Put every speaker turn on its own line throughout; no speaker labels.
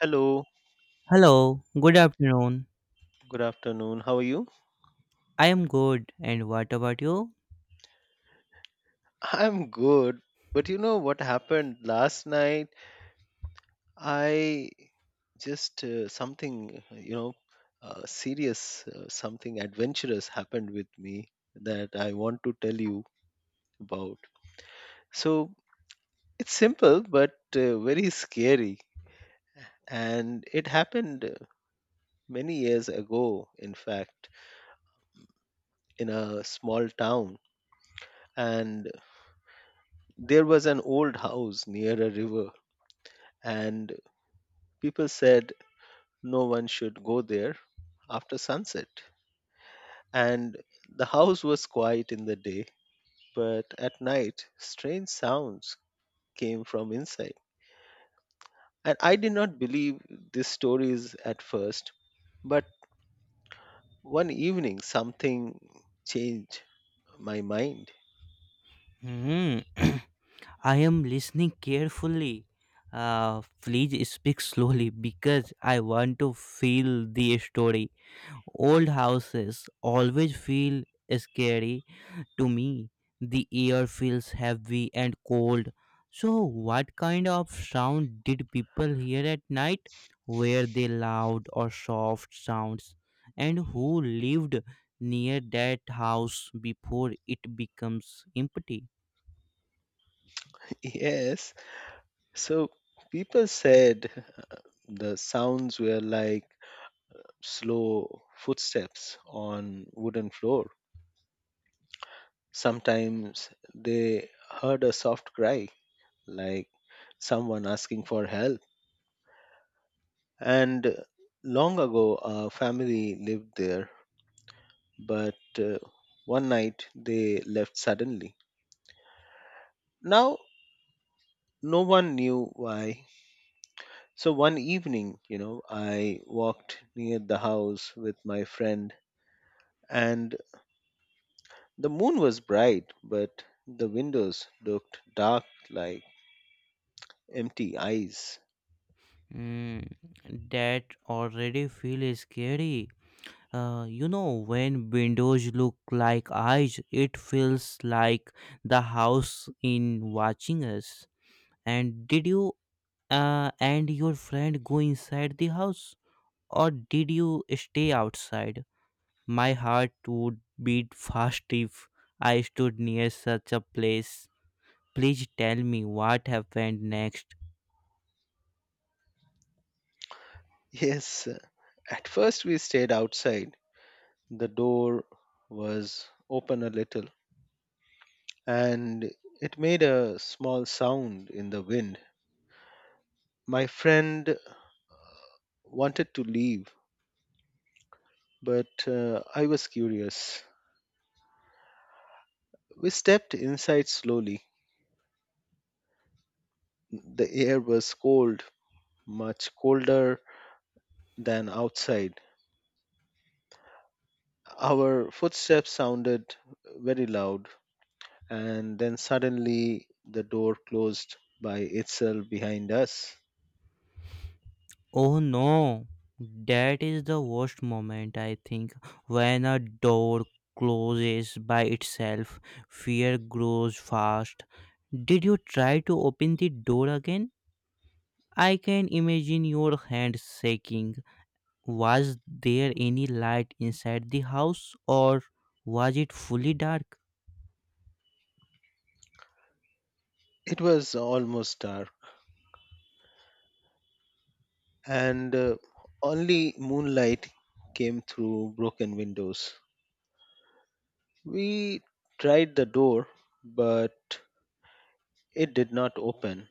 Hello,
Hello, good afternoon.
good afternoon. How are you?
I am good, and what about you?
I'm good, but you know what happened last night? I just something, you know, serious, something adventurous happened with me that I want to tell you about. So it's simple, but very scary. And it happened many years ago, in fact, in a small town. And there was an old house near a river. And people said, no one should go there after sunset. And the house was quiet in the day, but at night, strange sounds came from inside. And I did not believe these stories at first, but one evening something changed my mind.
Hmm. I am listening carefully. Please speak slowly because I want to feel the story. Old houses always feel scary to me, the air feels heavy and cold. So, what kind of sound did people hear at night? Were they loud or soft sounds? And who lived near that house before it becomes empty?
Yes, so people said uh, the sounds were like slow footsteps on wooden floor. Sometimes they heard a soft cry, like someone asking for help. And long ago, a family lived there, but one night they left suddenly. Now, no one knew why. So, one evening, I walked near the house with my friend, and the moon was bright, but the windows looked dark, like empty eyes.
Hmm, that already feels scary. When windows look like eyes, it feels like the house in watching us. And did you and your friend go inside the house or did you stay outside? My heart would beat fast if I stood near such a place. Please tell me what happened next.
Yes, at first, we stayed outside. The door was open a little and it made a small sound in the wind. My friend wanted to leave, but I was curious. We stepped inside slowly. The air was cold, much colder than outside. Our footsteps sounded very loud, and then suddenly the door closed by itself behind us.
Oh no, that is the worst moment, I think. When a door closes by itself, fear grows fast. Did you try to open the door again? I can imagine your hand shaking. Was there any light inside the house or was it fully dark?
It was almost dark, and only moonlight came through broken windows. We tried the door, but it did not open.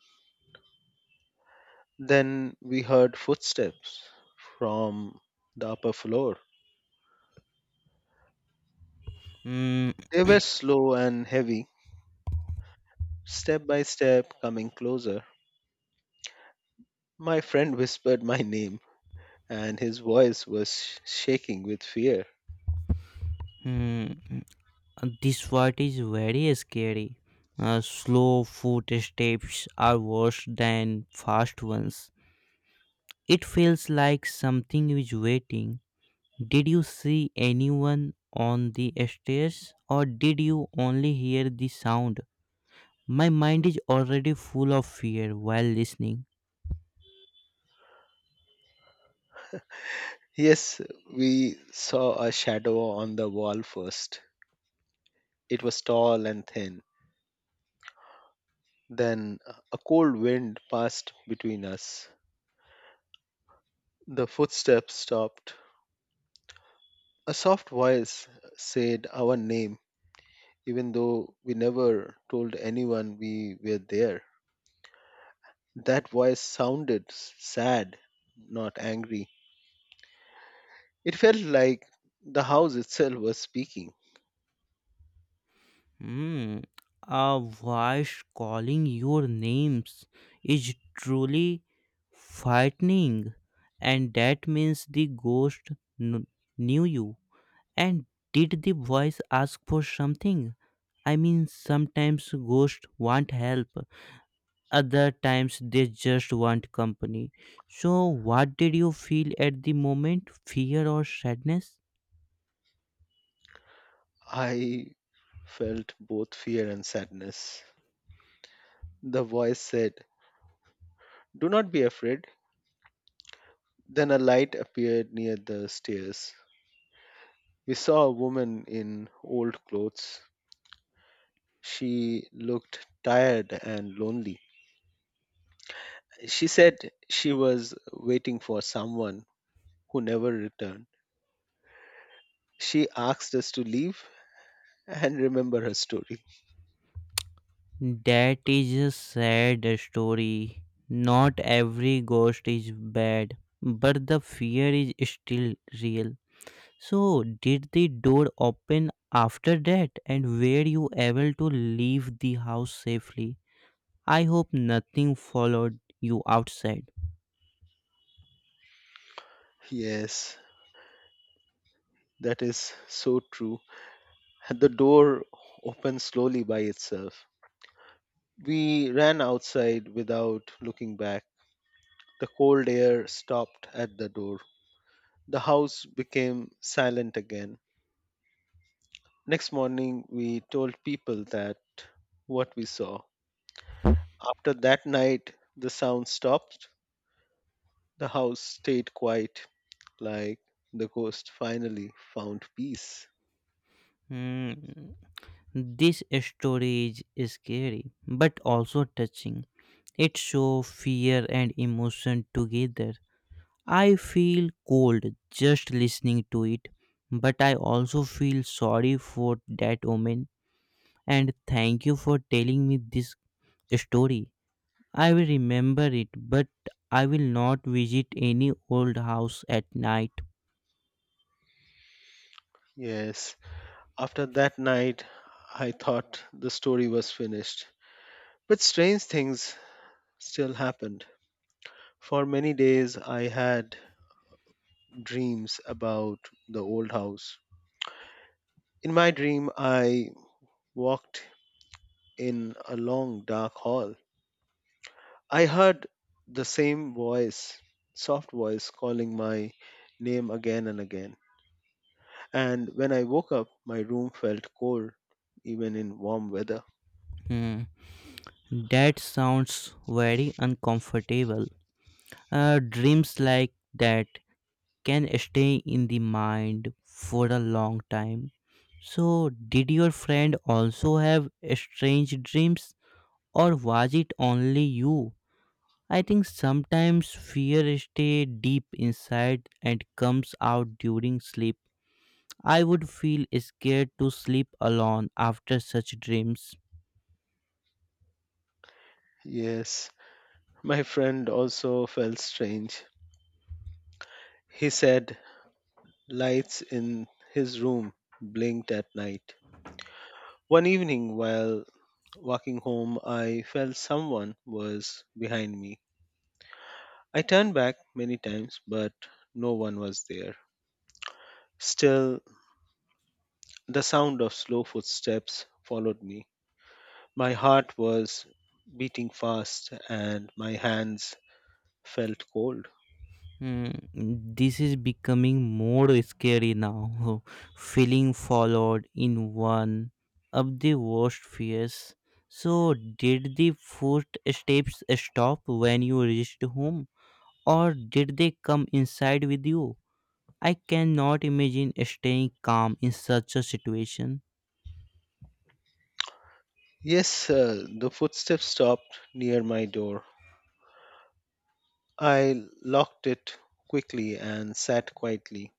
Then we heard footsteps from the upper floor.
Mm,
They were slow and heavy, step by step coming closer. My friend whispered my name, and his voice was shaking with fear.
mm. This part is very scary. Slow footsteps are worse than fast ones. It feels like something is waiting. Did you see anyone on the stairs or did you only hear the sound? My mind is already full of fear while listening.
Yes, we saw a shadow on the wall first. It was tall and thin. Then a cold wind passed between us. The footsteps stopped. A soft voice said our name, even though we never told anyone we were there. That voice sounded sad, not angry. It felt like the house itself was speaking.
Hmm. A voice calling your names is truly frightening, and that means the ghost kn- knew you. And did the voice ask for something? I mean, sometimes ghosts want help, other times they just want company. So, what did you feel at the moment? Fear or sadness?
I felt both fear and sadness. The voice said, "Do not be afraid." Then a light appeared near the stairs. We saw a woman in old clothes. She looked tired and lonely. She said she was waiting for someone who never returned. She asked us to leave and remember her story.
That is a sad story. Not every ghost is bad, but the fear is still real. So, did the door open after that and were you able to leave the house safely? I hope nothing followed you outside.
Yes, that is so true. The door opened slowly by itself. We ran outside without looking back. The cold air stopped at the door. The house became silent again. Next morning, we told people that what we saw. After that night, the sound stopped. The house stayed quiet, like the ghost finally found peace.
Hmm. This story is scary, but also touching. It shows fear and emotion together. I feel cold just listening to it, but I also feel sorry for that woman, and thank you for telling me this story. I will remember it, but I will not visit any old house at night.
Yes, after that night, I thought the story was finished. But strange things still happened. For many days, I had dreams about the old house. In my dream, I walked in a long dark hall. I heard the same voice, soft voice, calling my name again and again. And when I woke up, my room felt cold, even in warm weather.
Hmm, that sounds very uncomfortable. Dreams like that can stay in the mind for a long time. So, did your friend also have strange dreams? Or was it only you? I think sometimes fear stays deep inside and comes out during sleep. I would feel scared to sleep alone after such dreams.
Yes, my friend also felt strange. He said lights in his room blinked at night. One evening, while walking home, I felt someone was behind me. I turned back many times, but no one was there. Still, the sound of slow footsteps followed me. My heart was beating fast and my hands felt cold.
Hmm, this is becoming more scary now. Feeling followed in one of the worst fears. So, did the footsteps stop when you reached home, or did they come inside with you? I cannot imagine staying calm in such a situation.
Yes, the footsteps stopped near my door. I locked it quickly and sat quietly.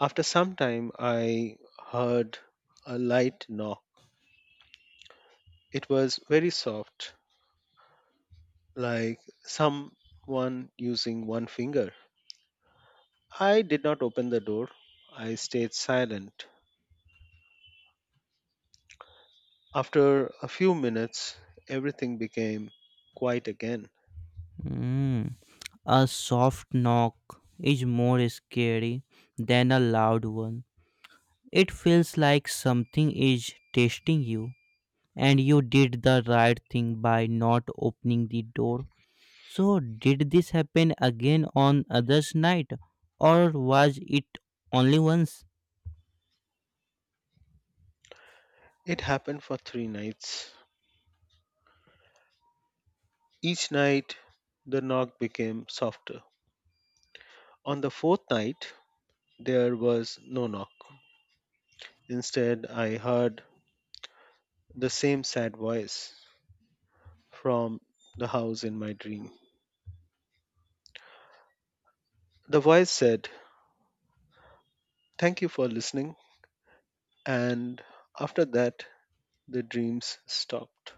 After some time, I heard a light knock. It was very soft, like someone using one finger. I did not open the door. I stayed silent. After a few minutes, everything became quiet again.
Hmm. A soft knock is more scary than a loud one. It feels like something is testing you, and you did the right thing by not opening the door. So, did this happen again on others' night, or was it only once?
It happened for three nights. Each night, the knock became softer. On the fourth night, there was no knock. Instead, I heard the same sad voice from the house in my dream. The voice said, "Thank you for listening." And after that, the dreams stopped.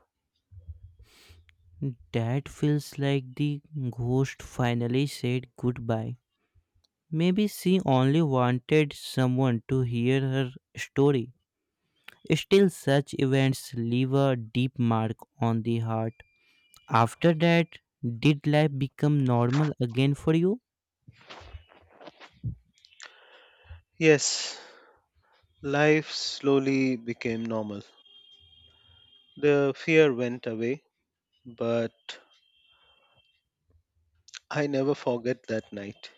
That feels like the ghost finally said goodbye. Maybe she only wanted someone to hear her story. Still, such events leave a deep mark on the heart. After that, did life become normal again for you?
Yes, life slowly became normal. The fear went away, but I never forget that night.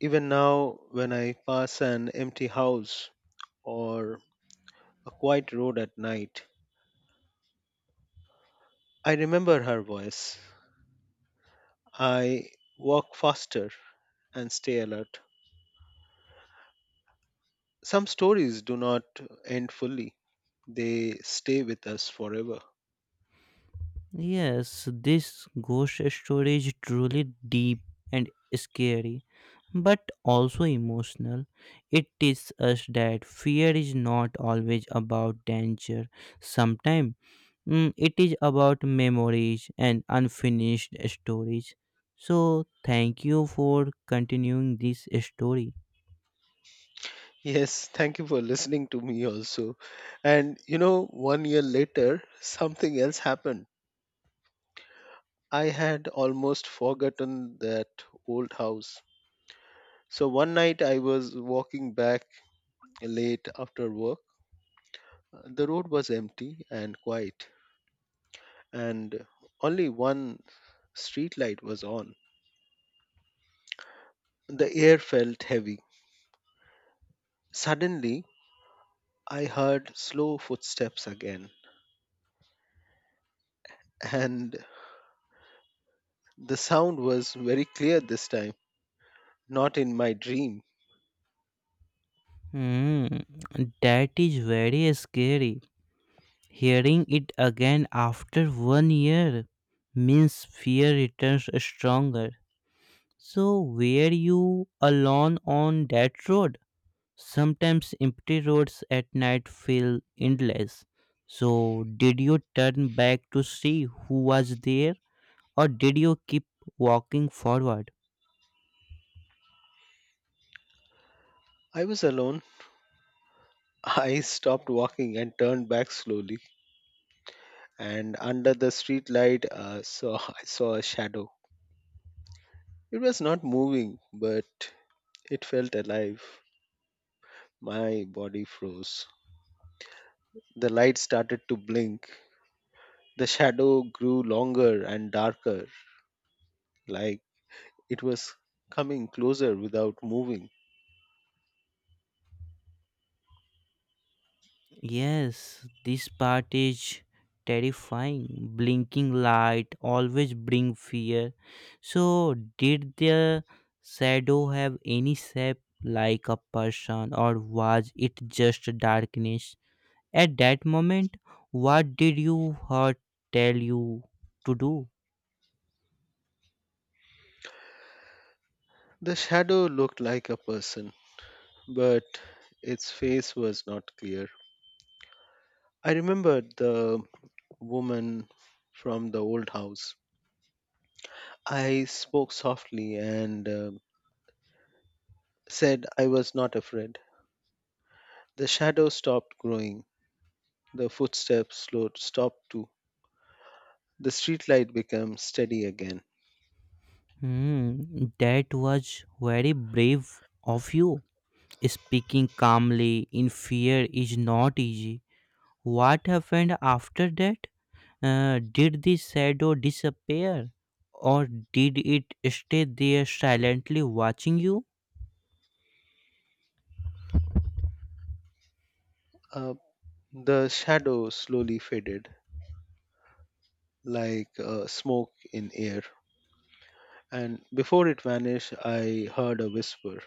Even now, when I pass an empty house or a quiet road at night, I remember her voice. I walk faster and stay alert. Some stories do not end fully, they stay with us forever.
Yes, this ghost story is truly deep and scary, but also emotional. It teaches us that fear is not always about danger. Sometimes it is about memories and unfinished stories. So, thank you for continuing this story.
Yes, thank you for listening to me also. And you know, one year later, something else happened. I had almost forgotten that old house. So one night I was walking back late after work. The road was empty and quiet, and only one street light was on. The air felt heavy. Suddenly, I heard slow footsteps again, and the sound was very clear this time, not in my dream.
Hmm, that is very scary. Hearing it again after one year means fear returns stronger. So, were you alone on that road? Sometimes empty roads at night feel endless. So, did you turn back to see who was there, or did you keep walking forward?
I was alone. I stopped walking and turned back slowly, and under the street light, saw I saw a shadow. It was not moving, but it felt alive. My body froze. The light started to blink. The shadow grew longer and darker, like it was coming closer without moving.
Yes, this part is terrifying. Blinking light always bring fear. So, did the shadow have any shape like a person, or was it just darkness? At that moment, what did you heart tell you to do?
The shadow looked like a person, but its face was not clear. I remembered the woman from the old house. I spoke softly and said I was not afraid. The shadow stopped growing. The footsteps slowed, stopped too. The streetlight became steady again.
Hmm, that was very brave of you. Speaking calmly in fear is not easy. What happened after that? Did the shadow disappear or did it stay there silently watching you?
Uh, the shadow slowly faded, like smoke in air. And before it vanished, I heard a whisper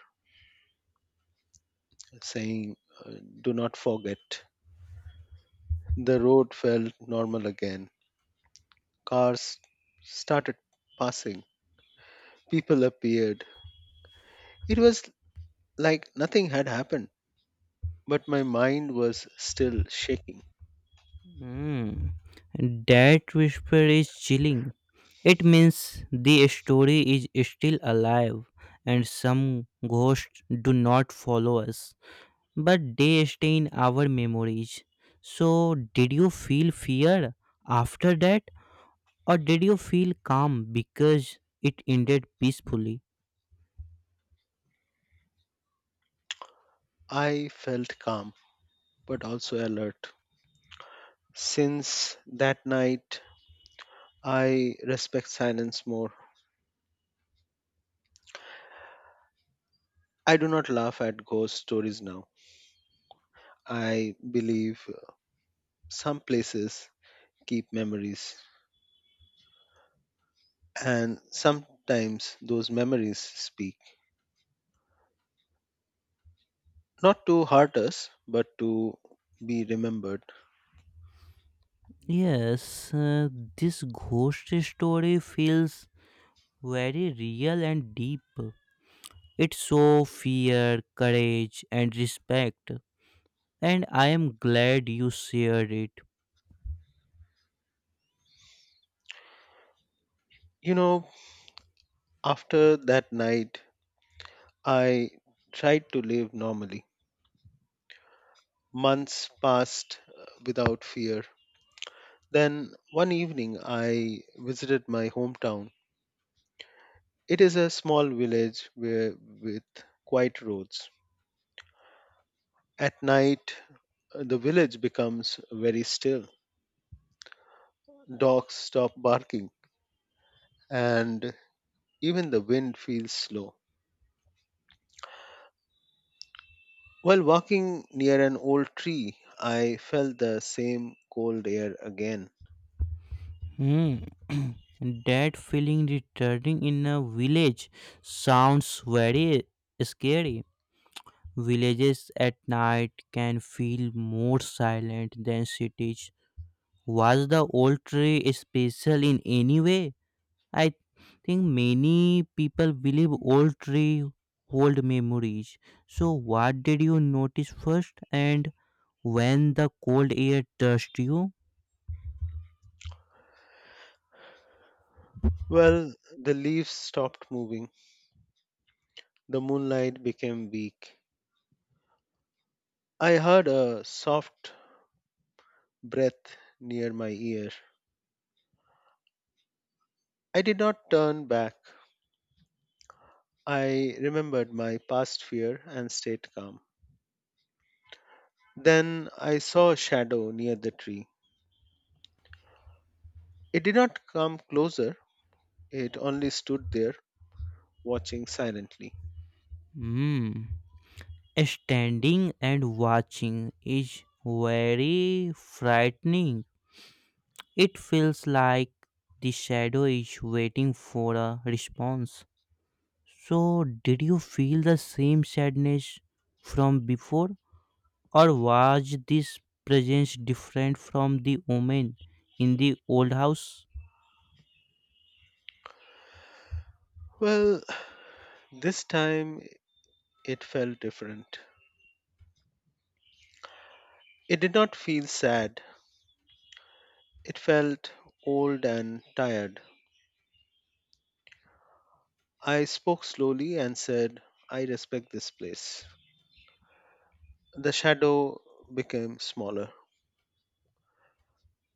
saying, uh, "Do not forget." The road felt normal again. Cars started passing, people appeared. It was like nothing had happened, but my mind was still shaking.
Hmm. That whisper is chilling. It means the story is still alive, and some ghosts do not follow us, but they stay in our memories. So, did you feel fear after that or did you feel calm because it ended peacefully?
I felt calm, but also alert. Since that night, I respect silence more. I do not laugh at ghost stories now. I believe some places keep memories, and sometimes those memories speak. Not to hurt us, but to be remembered.
Yes, this ghost story feels very real and deep. It shows fear, courage, and respect, and I am glad you shared it.
You know, after that night, I tried to live normally. Months passed without fear. Then one evening, I visited my hometown. It is a small village where, with quiet roads. At night, the village becomes very still. Dogs stop barking, and even the wind feels slow. While walking near an old tree, I felt the same cold air again.
Hmm. That feeling returning in a village sounds very scary. Villages at night can feel more silent than cities. Was the old tree special in any way? I think many people believe old tree hold memories. So what did you notice first and when the cold air touched you?
Well, the leaves stopped moving, the moonlight became weak. I heard a soft breath near my ear. I did not turn back. I remembered my past fear and stayed calm. Then I saw a shadow near the tree. It did not come closer, it only stood there, watching silently.
Hmm. Standing and watching is very frightening. It feels like the shadow is waiting for a response. So did you feel the same sadness from before? Or was this presence different from the woman in the old house?
Well, this time it felt different. It did not feel sad, it felt old and tired. I spoke slowly and said, "I respect this place." The shadow became smaller.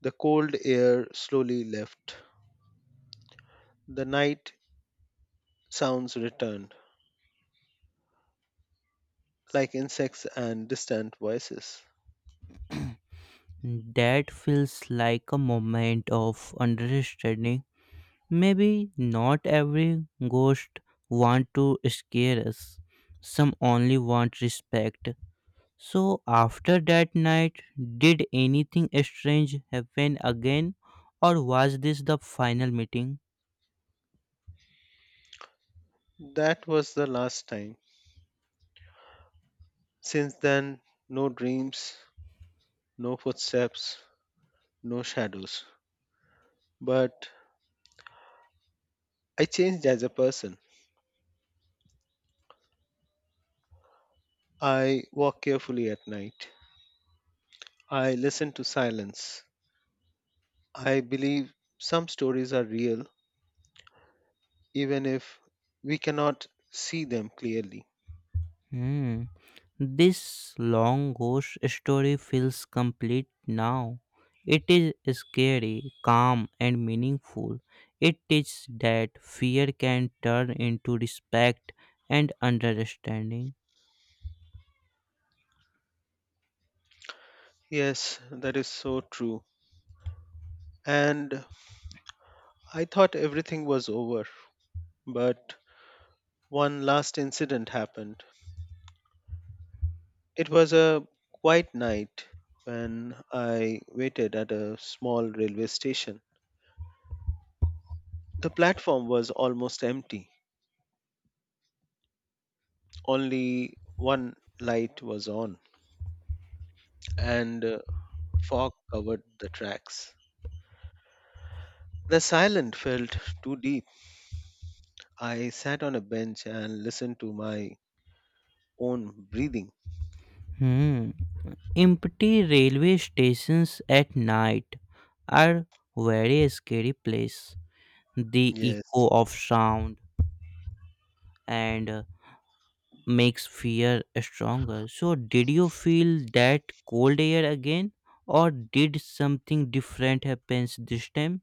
The cold air slowly left. The night sounds returned, like insects and distant voices.
That feels like a moment of understanding. Maybe not every ghost want to scare us. Some only want respect. So after that night, did anything strange happen again, or was this the final meeting?
That was the last time. Since then, no dreams, no footsteps, no shadows. But I changed as a person. I walk carefully at night. I listen to silence. I believe some stories are real, even if we cannot see them clearly.
Hmm. This long ghost story feels complete now. It is scary, calm, and meaningful. It teaches that fear can turn into respect and understanding.
Yes, that is so true. And I thought everything was over, but one last incident happened. It was a quiet night when I waited at a small railway station. The platform was almost empty, only one light was on, and fog covered the tracks. The silence felt too deep. I sat on a bench and listened to my own breathing.
Hmm. Empty railway stations at night are very scary place. The
Yes,
echo of sound and makes fear stronger. So, did you feel that cold air again, or did something different happens this time?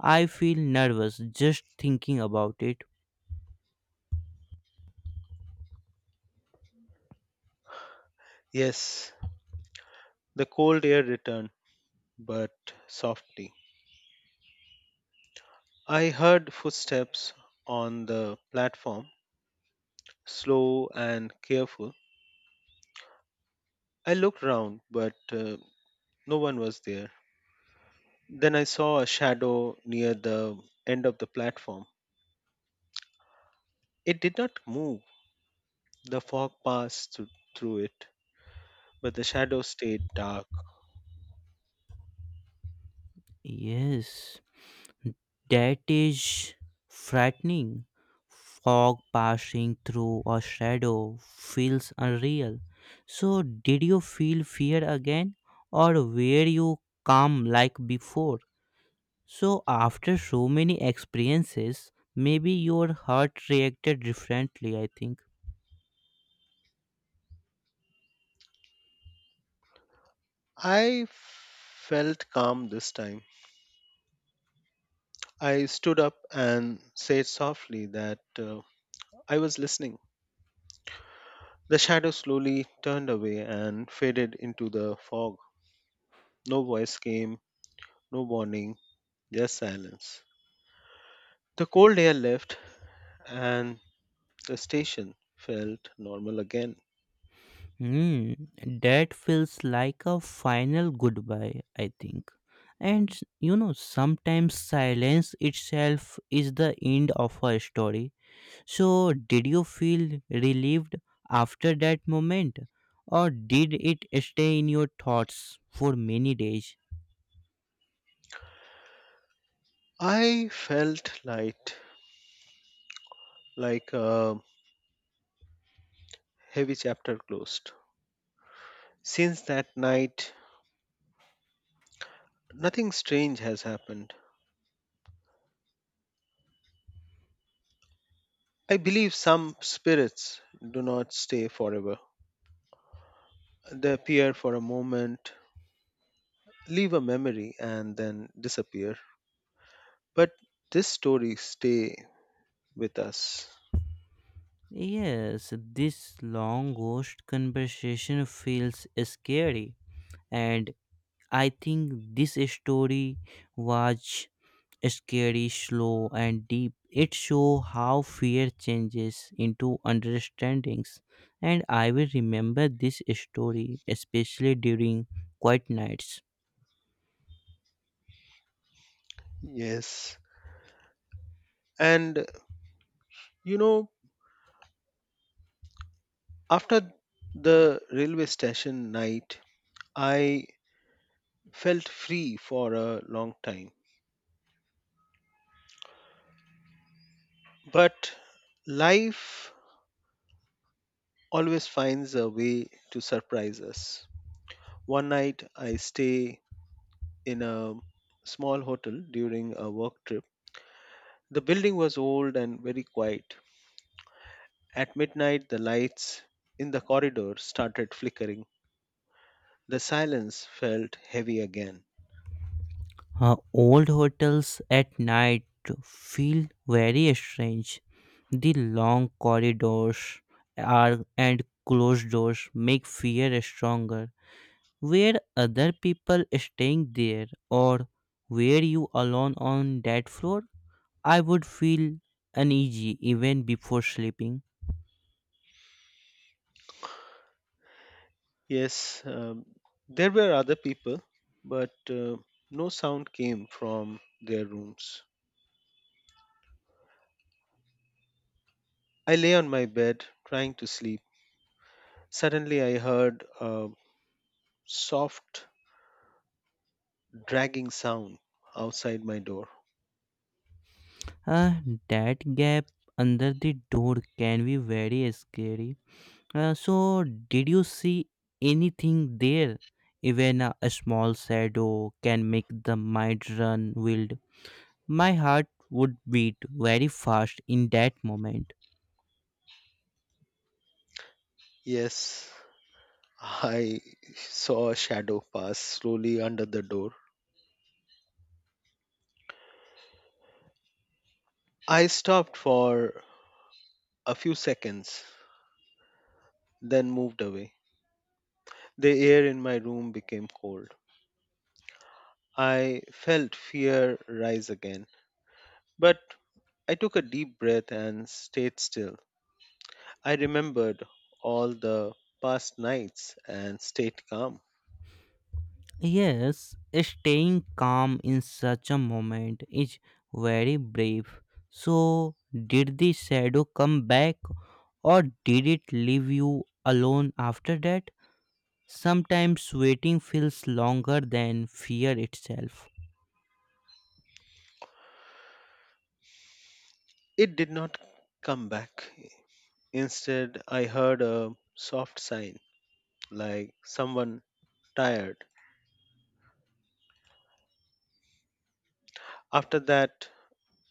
I feel nervous just thinking about it.
yes, the cold air returned, but softly. I heard footsteps on the platform, slow and careful. I looked round, but no one was there. Then I saw a shadow near the end of the platform. It did not move. The fog passed through it, but the shadow stayed dark.
Yes, that is frightening. Fog passing through a shadow feels unreal. So, did you feel fear again, or were you calm like before? So, after so many experiences, maybe your heart reacted differently, I think.
I felt calm this time. I stood up and said softly that I was listening. The shadow slowly turned away and faded into the fog. No voice came, no warning, just silence. The cold air left, and the station felt normal again.
Hmm, that feels like a final goodbye, I think. And you know, sometimes silence itself is the end of a story. So, did you feel relieved after that moment, or did it stay in your thoughts for many days?
I felt light, like a heavy chapter closed. Since that night, nothing strange has happened. I believe some spirits do not stay forever. They appear for a moment, leave a memory, and then disappear. But this story stay with us.
Yes, this long ghost conversation feels scary, and I think this story was scary, slow, and deep. It shows how fear changes into understandings, and I will remember this story especially during quiet nights.
Yes. And you know, after the railway station night, I felt free for a long time. But life always finds a way to surprise us. One night I stay in a small hotel during a work trip. The building was old and very quiet. At midnight, the lights in the corridor started flickering. The silence felt heavy again.
Old hotels at night feel very strange. The long corridors are and closed doors make fear stronger. Were other people staying there or were you alone on that floor? I would feel uneasy even before sleeping.
Yes, there were other people, but no sound came from their rooms. I lay on my bed trying to sleep. Suddenly, I heard a soft, dragging sound outside my door.
Uh, that gap under the door can be very scary. So, did you see anything there? Even a small shadow can make the mind run wild. My heart would beat very fast in that moment.
Yes, I saw a shadow pass slowly under the door. I stopped for a few seconds, then moved away. The air in my room became cold. I felt fear rise again, but I took a deep breath and stayed still. I remembered all the past nights and stayed calm.
Yes, staying calm in such a moment is very brave. So, did the shadow come back or did it leave you alone after that? Sometimes waiting feels longer than fear itself.
It did not come back. Instead, I heard a soft sigh, like someone tired. After that,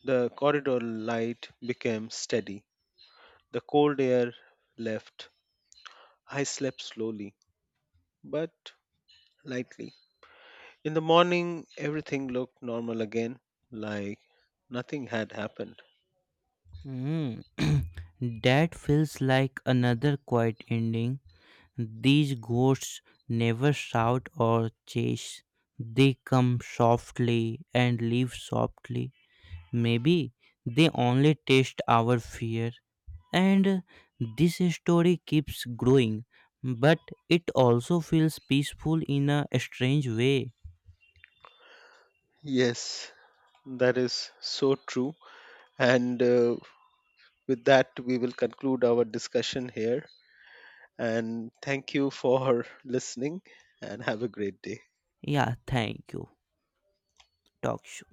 the corridor light became steady. The cold air left. I slept slowly, but lightly. In the morning, everything looked normal again, like nothing had happened.
Mm, that feels like another quiet ending. These ghosts never shout or chase. They come softly and leave softly. Maybe they only taste our fear. And this story keeps growing, but it also feels peaceful in a strange way.
Yes, that is so true. And with that, we will conclude our discussion here. And thank you for listening and have a great day.
Yeah, thank you. Talk